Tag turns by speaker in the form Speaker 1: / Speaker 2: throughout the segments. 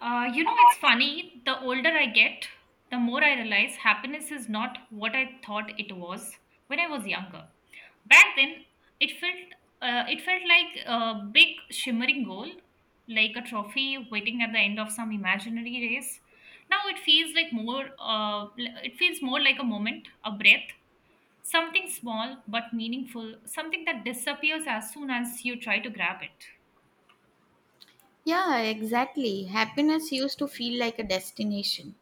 Speaker 1: It's funny. The older I get, the more I realize happiness is not what I thought it was when I was younger. Back then, it felt it felt like a big shimmering goal, like a trophy waiting at the end of some imaginary race. Now it feels like more. It feels more like a moment, a breath, something small but meaningful, something that disappears as soon as you try to grab it.
Speaker 2: Yeah, exactly. Happiness used to feel like a destination.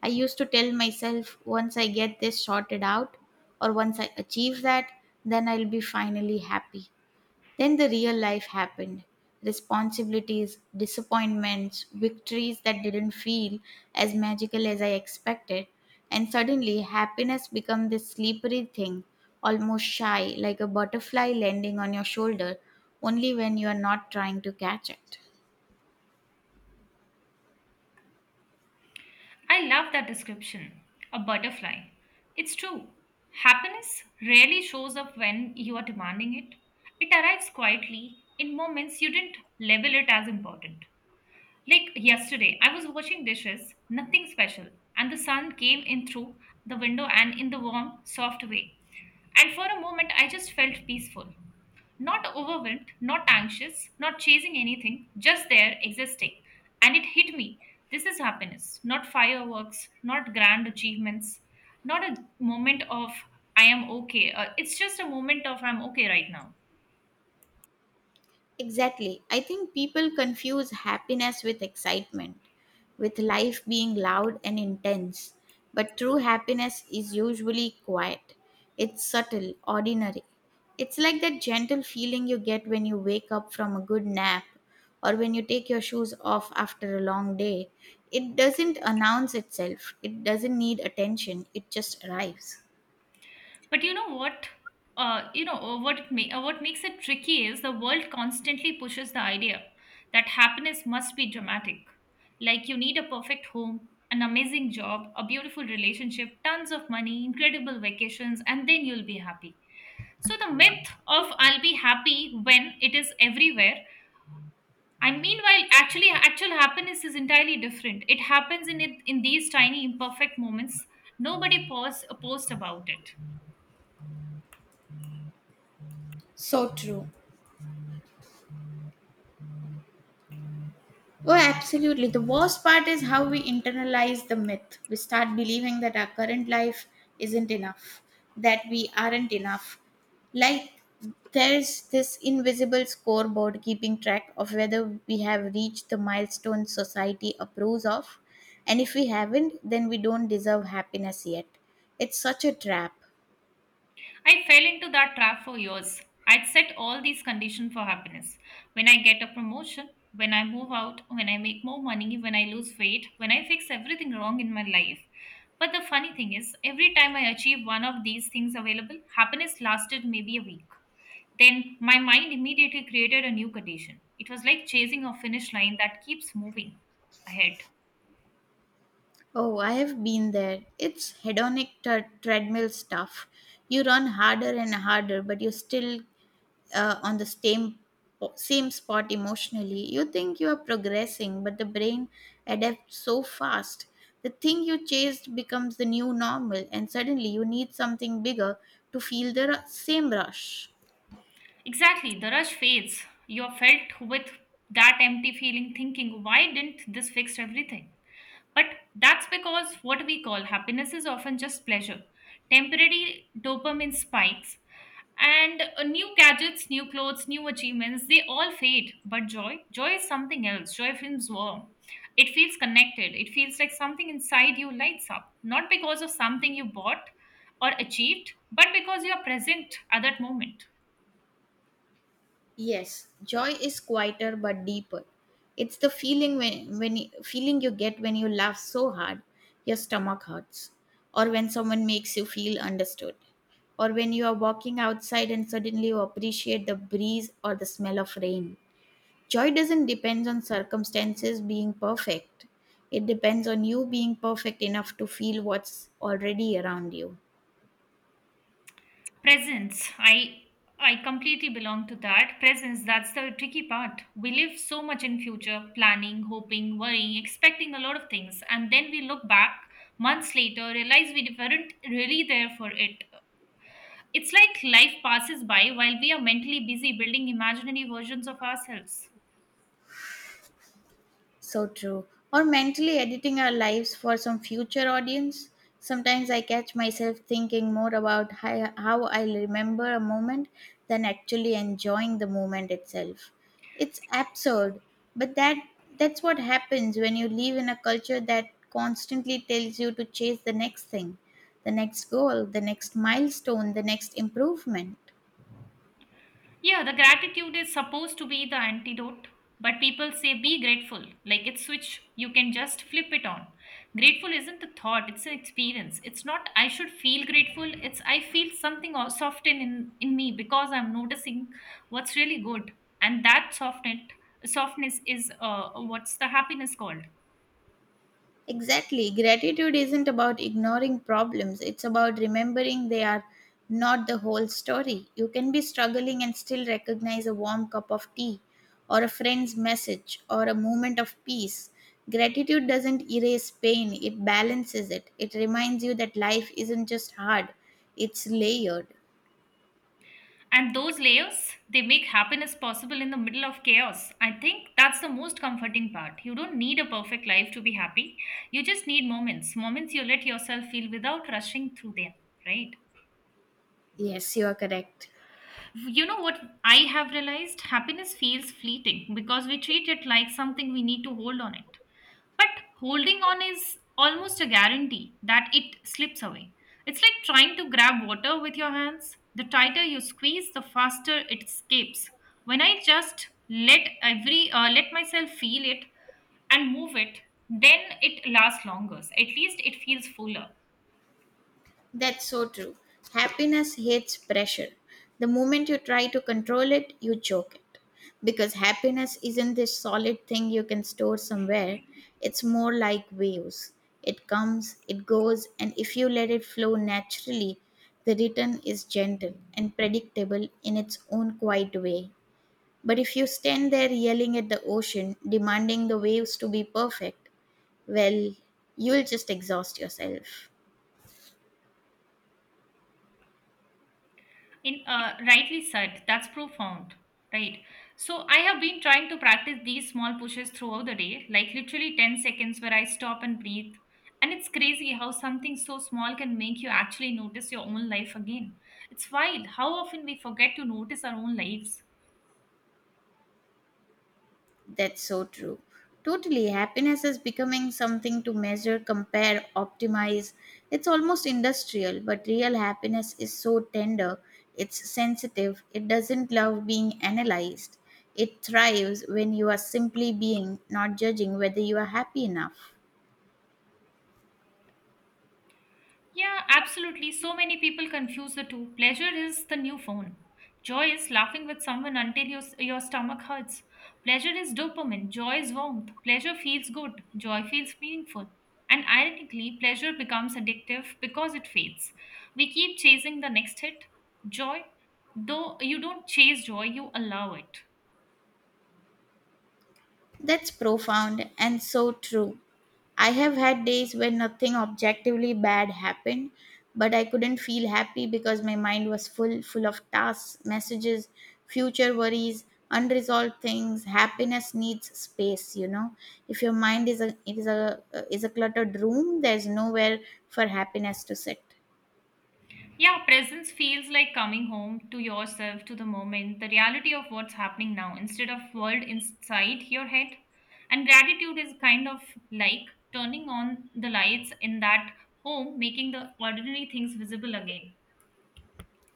Speaker 2: I used to tell myself once I get this sorted out or once I achieve that, then I'll be finally happy. Then the real life happened. Responsibilities, disappointments, victories that didn't feel as magical as I expected. And suddenly, happiness became this slippery thing, almost shy, like a butterfly landing on your shoulder, only when you are not trying to catch it.
Speaker 1: I love that description. A butterfly. It's true. Happiness rarely shows up when you are demanding it. It arrives quietly in moments you didn't label it as important. Like yesterday, I was washing dishes, nothing special, and the sun came in through the window and in the warm, soft way. And for a moment, I just felt peaceful. Not overwhelmed, not anxious, not chasing anything, just there, existing. And it hit me. This is happiness, not fireworks, not grand achievements, not a moment of I am okay. It's just a moment of I'm okay right now.
Speaker 2: Exactly. I think people confuse happiness with excitement, with life being loud and intense. But true happiness is usually quiet, it's subtle, ordinary. It's like that gentle feeling you get when you wake up from a good nap or when you take your shoes off after a long day. It doesn't announce itself, it doesn't need attention, it just arrives.
Speaker 1: But you know what? What makes it tricky is the world constantly pushes the idea that happiness must be dramatic. Like you need a perfect home, an amazing job, a beautiful relationship, tons of money, incredible vacations, and then you'll be happy. So the myth of I'll be happy when it is everywhere. And meanwhile, actually, actual happiness is entirely different. It happens in it in these tiny imperfect moments. Nobody pause, post about it.
Speaker 2: So true. Oh, absolutely. The worst part is how we internalize the myth. We start believing that our current life isn't enough, that we aren't enough. Like there's this invisible scoreboard keeping track of whether we have reached the milestone society approves of. And if we haven't, then we don't deserve happiness yet. It's such a trap.
Speaker 1: I fell into that trap for years. I'd set all these conditions for happiness. When I get a promotion, when I move out, when I make more money, when I lose weight, when I fix everything wrong in my life. But the funny thing is, every time I achieve one of these things available, happiness lasted maybe a week. Then my mind immediately created a new condition. It was like chasing a finish line that keeps moving ahead.
Speaker 2: Oh, I have been there. It's hedonic treadmill stuff. You run harder and harder, but you still on the same spot emotionally. You think you are progressing, but the brain adapts so fast the thing you chased becomes the new normal, and suddenly you need something bigger to feel the same rush.
Speaker 1: Exactly, the rush fades. You're felt with that empty feeling, thinking, why didn't this fix everything? But that's because what we call happiness is often just pleasure, temporary dopamine spikes, and new gadgets, new clothes, new achievements, they all fade. But joy, joy is something else. Joy feels warm. It feels connected. It feels like something inside you lights up, not because of something you bought or achieved, but because you are present at that moment.
Speaker 2: Yes, joy is quieter but deeper. It's the feeling you get when you laugh so hard your stomach hurts, or when someone makes you feel understood, or when you are walking outside and suddenly you appreciate the breeze or the smell of rain. Joy doesn't depend on circumstances being perfect. It depends on you being perfect enough to feel what's already around you.
Speaker 1: Presence. I completely belong to that. Presence, that's the tricky part. We live so much in future, planning, hoping, worrying, expecting a lot of things, and then we look back months later, realize we weren't really there for it. It's like life passes by while we are mentally busy building imaginary versions of ourselves.
Speaker 2: So true. Or mentally editing our lives for some future audience. Sometimes I catch myself thinking more about how I remember a moment than actually enjoying the moment itself. It's absurd, but that's what happens when you live in a culture that constantly tells you to chase the next thing, the next goal, the next milestone, the next improvement.
Speaker 1: Yeah, the gratitude is supposed to be the antidote, but people say be grateful. Like it's switch, you can just flip it on. Grateful isn't a thought, it's an experience. It's not I should feel grateful, it's I feel something or soften in me because I'm noticing what's really good. And that softened softness is what's the happiness called.
Speaker 2: Exactly. Gratitude isn't about ignoring problems, it's about remembering they are not the whole story. You can be struggling and still recognize a warm cup of tea, or a friend's message, or a moment of peace. Gratitude doesn't erase pain, it balances it. It reminds you that life isn't just hard, it's layered.
Speaker 1: And those layers, they make happiness possible in the middle of chaos. I think that's the most comforting part. You don't need a perfect life to be happy. You just need moments, moments you let yourself feel without rushing through them, right?
Speaker 2: Yes, you are correct.
Speaker 1: You know what I have realized? Happiness feels fleeting because we treat it like something we need to hold on it. But holding on is almost a guarantee that it slips away. It's like trying to grab water with your hands. The tighter you squeeze, the faster it escapes. When I just let every let myself feel it and move it, then it lasts longer. At least it feels fuller.
Speaker 2: That's so true. Happiness hates pressure. The moment you try to control it, you choke it. Because happiness isn't this solid thing you can store somewhere, it's more like waves. It comes, it goes, and if you let it flow naturally, the return is gentle and predictable in its own quiet way. But if you stand there yelling at the ocean, demanding the waves to be perfect, well, you'll just exhaust yourself.
Speaker 1: In Rightly said, that's profound, right? So I have been trying to practice these small pushes throughout the day, like literally 10 seconds where I stop and breathe. And it's crazy how something so small can make you actually notice your own life again. It's wild how often we forget to notice our own lives.
Speaker 2: That's so true. Totally. Happiness is becoming something to measure, compare, optimize. It's almost industrial, but real happiness is so tender. It's sensitive. It doesn't love being analyzed. It thrives when you are simply being, not judging whether you are happy enough.
Speaker 1: Yeah, absolutely. So many people confuse the two. Pleasure is the new phone. Joy is laughing with someone until your stomach hurts. Pleasure is dopamine. Joy is warmth. Pleasure feels good. Joy feels meaningful. And ironically, pleasure becomes addictive because it fades. We keep chasing the next hit. Joy, though, you don't chase joy, you allow it.
Speaker 2: That's profound and so true. I have had days when nothing objectively bad happened, but I couldn't feel happy because my mind was full of tasks, messages, future worries, unresolved things. Happiness needs space, you know. If your mind is a it is a cluttered room, there's nowhere for happiness to sit.
Speaker 1: Yeah, presence feels like coming home to yourself, to the moment, the reality of what's happening now, instead of world inside your head. And gratitude is kind of like turning on the lights in that home, making the ordinary things visible again.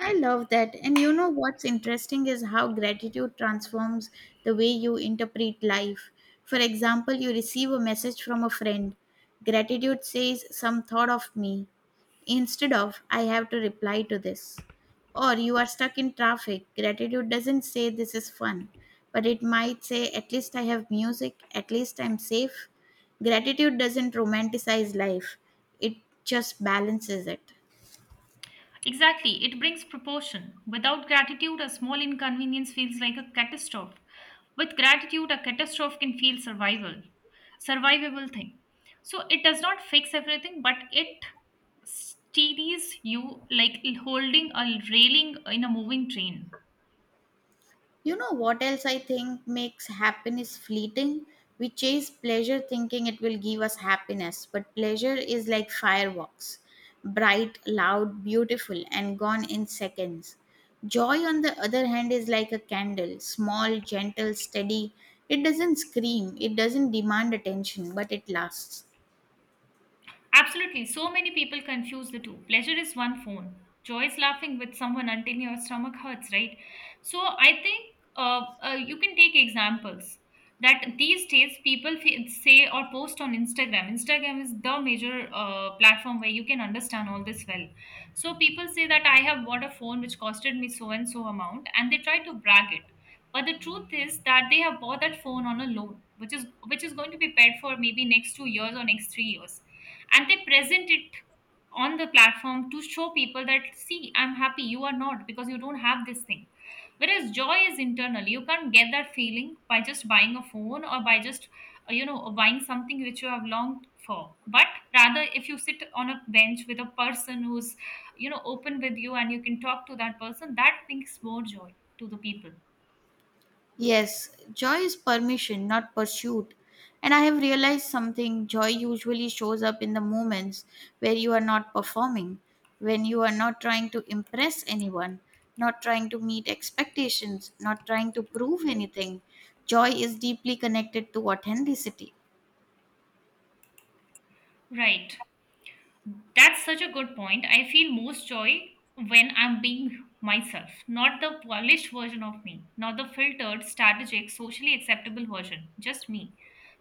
Speaker 2: I love that. And you know what's interesting is how gratitude transforms the way you interpret life. For example, you receive a message from a friend. Gratitude says, "Some thought of me," instead of, "I have to reply to this." Or you are stuck in traffic. Gratitude doesn't say this is fun, but it might say, "At least I have music, at least I'm safe." Gratitude doesn't romanticize life, it just balances it.
Speaker 1: Exactly, it brings proportion. Without gratitude, a small inconvenience feels like a catastrophe. With gratitude, a catastrophe can feel survival, survivable thing. So it does not fix everything, but it steadies you like holding a railing in a moving train.
Speaker 2: You know what else I think makes happiness fleeting? We chase pleasure thinking it will give us happiness, but pleasure is like fireworks, bright, loud, beautiful, and gone in seconds. Joy, on the other hand, is like a candle, small, gentle, steady. It doesn't scream, it doesn't demand attention, but it lasts.
Speaker 1: Absolutely. So many people confuse the two. Pleasure is one phone. Joy is laughing with someone until your stomach hurts, right? So I think you can take examples that these days people say or post on Instagram. Instagram is the major platform where you can understand all this well. So people say that I have bought a phone which costed me so and so amount, and they try to brag it. But the truth is that they have bought that phone on a loan, which is going to be paid for maybe next 2 years or next 3 years, and they present it on the platform to show people that see, I'm happy, you are not, because you don't have this thing. Whereas joy is internal, you can't get that feeling by just buying a phone or by just buying something which you have longed for. But rather, if you sit on a bench with a person who's open with you and you can talk to that person, that brings more joy to the people,
Speaker 2: Yes, joy is permission, not pursuit. And I have realized something: joy usually shows up in the moments where you are not performing, when you are not trying to impress anyone, not trying to meet expectations, not trying to prove anything. Joy is deeply connected to authenticity.
Speaker 1: right? That's such a good point. I feel most joy when I'm being myself, not the polished version of me, not the filtered, strategic, socially acceptable version, just me,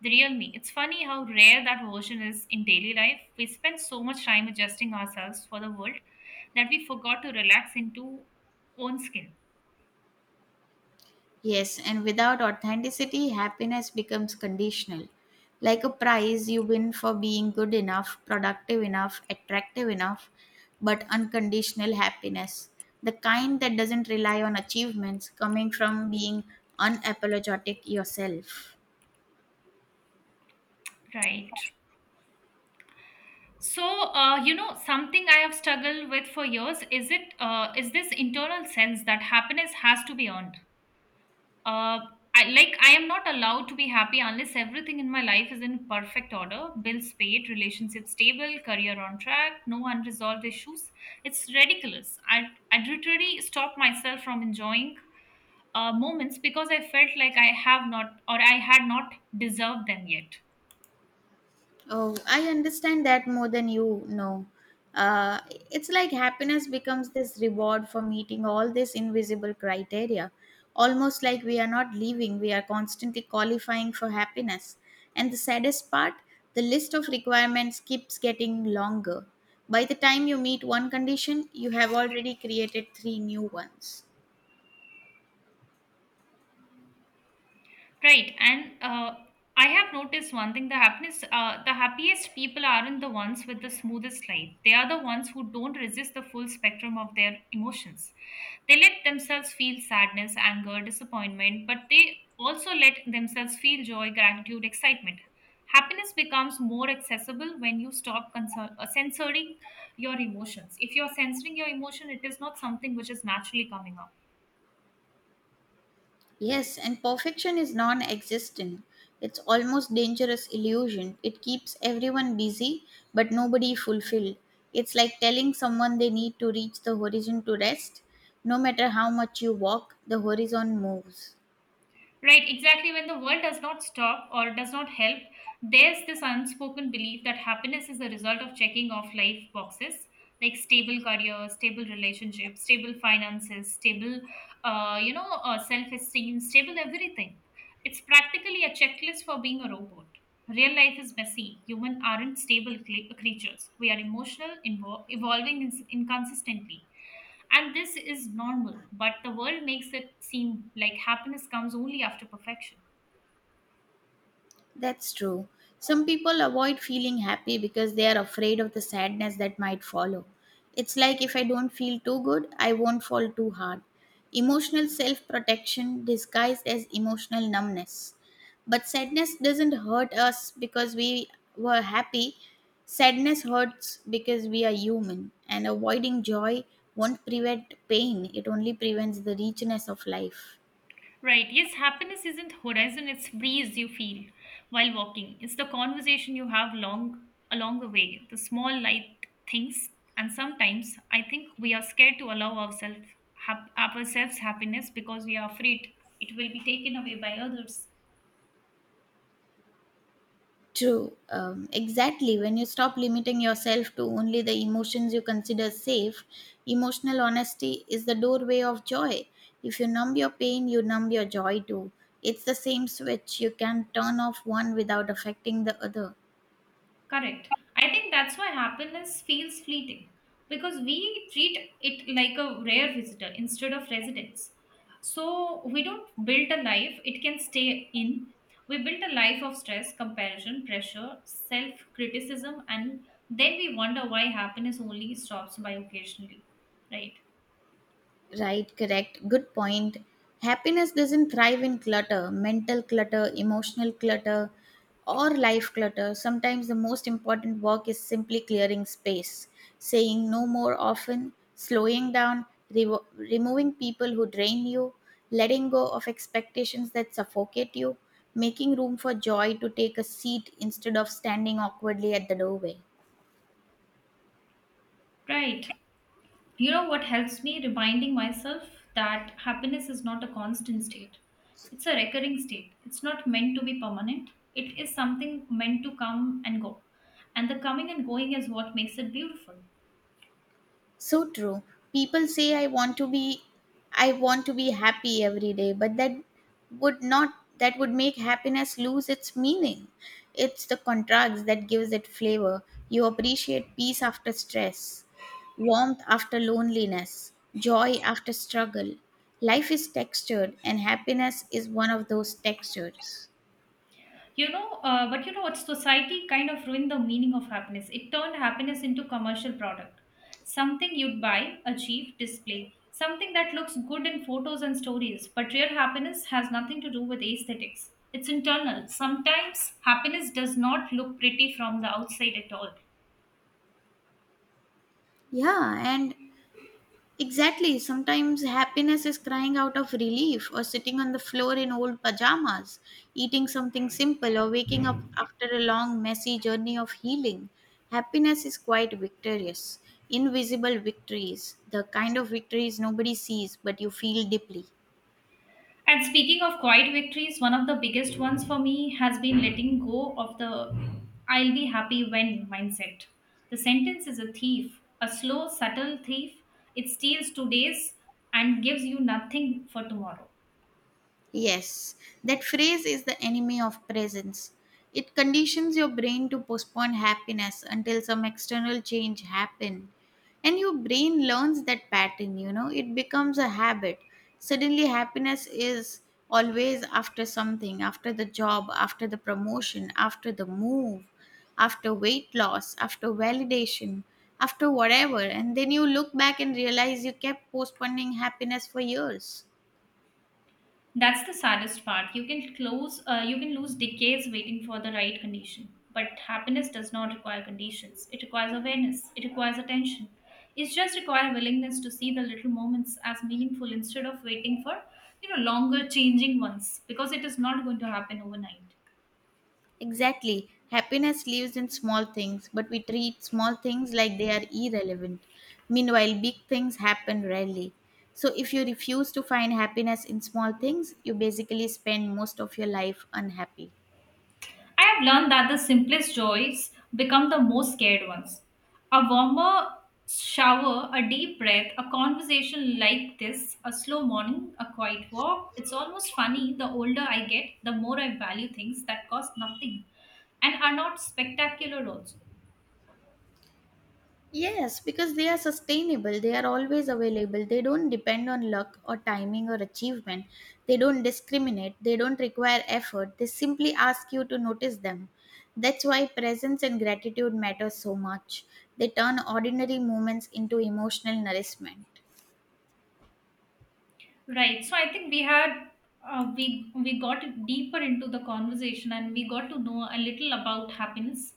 Speaker 1: the real me. It's funny how rare that version is in daily life. We spend so much time adjusting ourselves for the world that we forgot to relax into own skin.
Speaker 2: Yes, and without authenticity, happiness becomes conditional. Like a prize you win for being good enough, productive enough, attractive enough, but unconditional happiness, the kind that doesn't rely on achievements, coming from being unapologetic yourself.
Speaker 1: Right. So, something I have struggled with for years is this internal sense that happiness has to be earned. uh I, like, I am not allowed to be happy unless everything in my life is in perfect order, bills paid, relationship stable, career on track, no unresolved issues. It's ridiculous. I literally stopped myself from enjoying moments because I felt like I have not, or I had not, deserved them yet.
Speaker 2: Oh, I understand that more than you know. Uh, it's like happiness becomes this reward for meeting all these invisible criteria. Almost like we are not leaving, we are constantly qualifying for happiness. And the saddest part, the list of requirements keeps getting longer. By the time you meet one condition, you have already created three new ones.
Speaker 1: Right, and I have noticed one thing: the happiness, the happiest people aren't the ones with the smoothest life. They are the ones who don't resist the full spectrum of their emotions. They let themselves feel sadness, anger, disappointment, but they also let themselves feel joy, gratitude, excitement. Happiness becomes more accessible when you stop censoring your emotions. If you're censoring your emotion, it is not something which is naturally coming out.
Speaker 2: Yes, and perfection is non existent. It's almost dangerous illusion. It keeps everyone busy but nobody fulfilled. It's like telling someone they need to reach the horizon to rest. No matter how much you walk, the horizon moves.
Speaker 1: Right, exactly. When the world does not stop or does not help, there's this unspoken belief that happiness is the result of checking off life boxes, like stable career, stable relationship, stable finances, stable, self-esteem, stable everything. It's practically a checklist for being a robot. Real life is messy. Human aren't stable creatures. We are emotional, evolving inconsistently. And this is normal, but the world makes it seem like happiness comes only after perfection.
Speaker 2: That's true. Some people avoid feeling happy because they are afraid of the sadness that might follow. It's like if I don't feel too good, I won't fall too hard. Emotional self protection disguised as emotional numbness. But sadness doesn't hurt us because we were happy. Sadness hurts because we are human, and avoiding joy won't prevent pain, it only prevents the richness of life.
Speaker 1: Right, yes, happiness isn't horizon, it's breeze you feel while walking. It's the conversation you have long along the way, the small light things, and sometimes I think we are scared to allow ourselves ourselves happiness because we are afraid it will be taken away by others.
Speaker 2: True. Exactly. When you stop limiting yourself to only the emotions you consider safe, emotional honesty is the doorway of joy. If you numb your pain, you numb your joy too. It's the same switch. You can turn off one without affecting the other.
Speaker 1: Correct. I think that's why happiness feels fleeting because we treat it like a rare visitor instead of residence. So we don't build a life it can stay in. We build a life of stress, comparison, pressure, self criticism, and then we wonder why happiness only stops by occasionally. Right?
Speaker 2: Right, correct. Good point. Happiness doesn't thrive in clutter, mental clutter, emotional clutter, or life clutter. Sometimes the most important work is simply clearing space, saying no more often, slowing down, revo removing people who drain you, letting go of expectations that suffocate you, making room for joy to take a seat instead of standing awkwardly at the doorway.
Speaker 1: Right. You know what helps me? Reminding myself that happiness is not a constant state, it's a recurring state. It's not meant to be permanent, it is something meant to come and go. And the coming and going is what makes it beautiful.
Speaker 2: So true. People say I want to be happy every day, but that would not that would make happiness lose its meaning. It's the contrast that gives it flavor. You appreciate peace after stress, warmth after loneliness, joy after struggle. Life is textured and happiness is one of those textures.
Speaker 1: But you know what, society kind of ruined the meaning of happiness. It turned happiness into commercial product, something you'd buy, achieve, display, something that looks good in photos and stories. But real happiness has nothing to do with aesthetics, it's internal. Sometimes happiness does not look pretty from the outside at all.
Speaker 2: Yeah, and Exactly. Sometimes happiness is crying out of relief, or sitting on the floor in old pajamas eating something simple, or waking up after a long, messy journey of healing. Happiness is quite victorious. Invisible victories, the kind of victories nobody sees but you feel deeply.
Speaker 1: And speaking of quiet victories, one of the biggest ones for me has been letting go of the I'll be happy when mindset. The sentence is a thief, a slow, subtle thief. It steals today's and gives you nothing for tomorrow.
Speaker 2: Yes, that phrase is the enemy of presence. It conditions your brain to postpone happiness until some external change happen. And your brain learns that pattern, you know, it becomes a habit. Suddenly happiness is always after something, after the job, after the promotion, after the move, after weight loss, after validation, after whatever. And then you look back and realize you kept postponing happiness for years.
Speaker 1: That's the saddest part. You can close, you can lose decades waiting for the right condition. But happiness does not require conditions. It requires awareness. It requires attention. It just requires willingness to see the little moments as meaningful instead of waiting for, you know, longer changing ones, because it is not going to happen overnight.
Speaker 2: Exactly. Happiness lives in small things, but we treat small things like they are irrelevant. Meanwhile, big things happen rarely. So, if you refuse to find happiness in small things, you basically spend most of your life unhappy.
Speaker 1: I have learned that the simplest joys become the most scared ones. A warmer shower, a deep breath, a conversation like this, a slow morning, a quiet walk. It's almost funny, the older I get, the more I value things that cost nothing and are not spectacular also.
Speaker 2: Yes, because they are sustainable, they are always available, they don't depend on luck or timing or achievement, they don't discriminate, they don't require effort, they simply ask you to notice them. That's why presence and gratitude matter so much. They turn ordinary moments into emotional nourishment.
Speaker 1: Right. So I think we had we got deeper into the conversation and we got to know a little about happiness,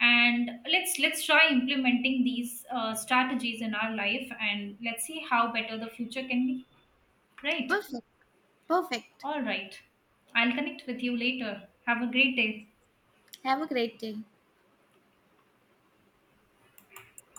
Speaker 1: and let's try implementing these strategies in our life, and let's see how better the future can be, right?
Speaker 2: Perfect, perfect.
Speaker 1: All right, I'll connect with you later. Have a great day.
Speaker 2: Have a great day.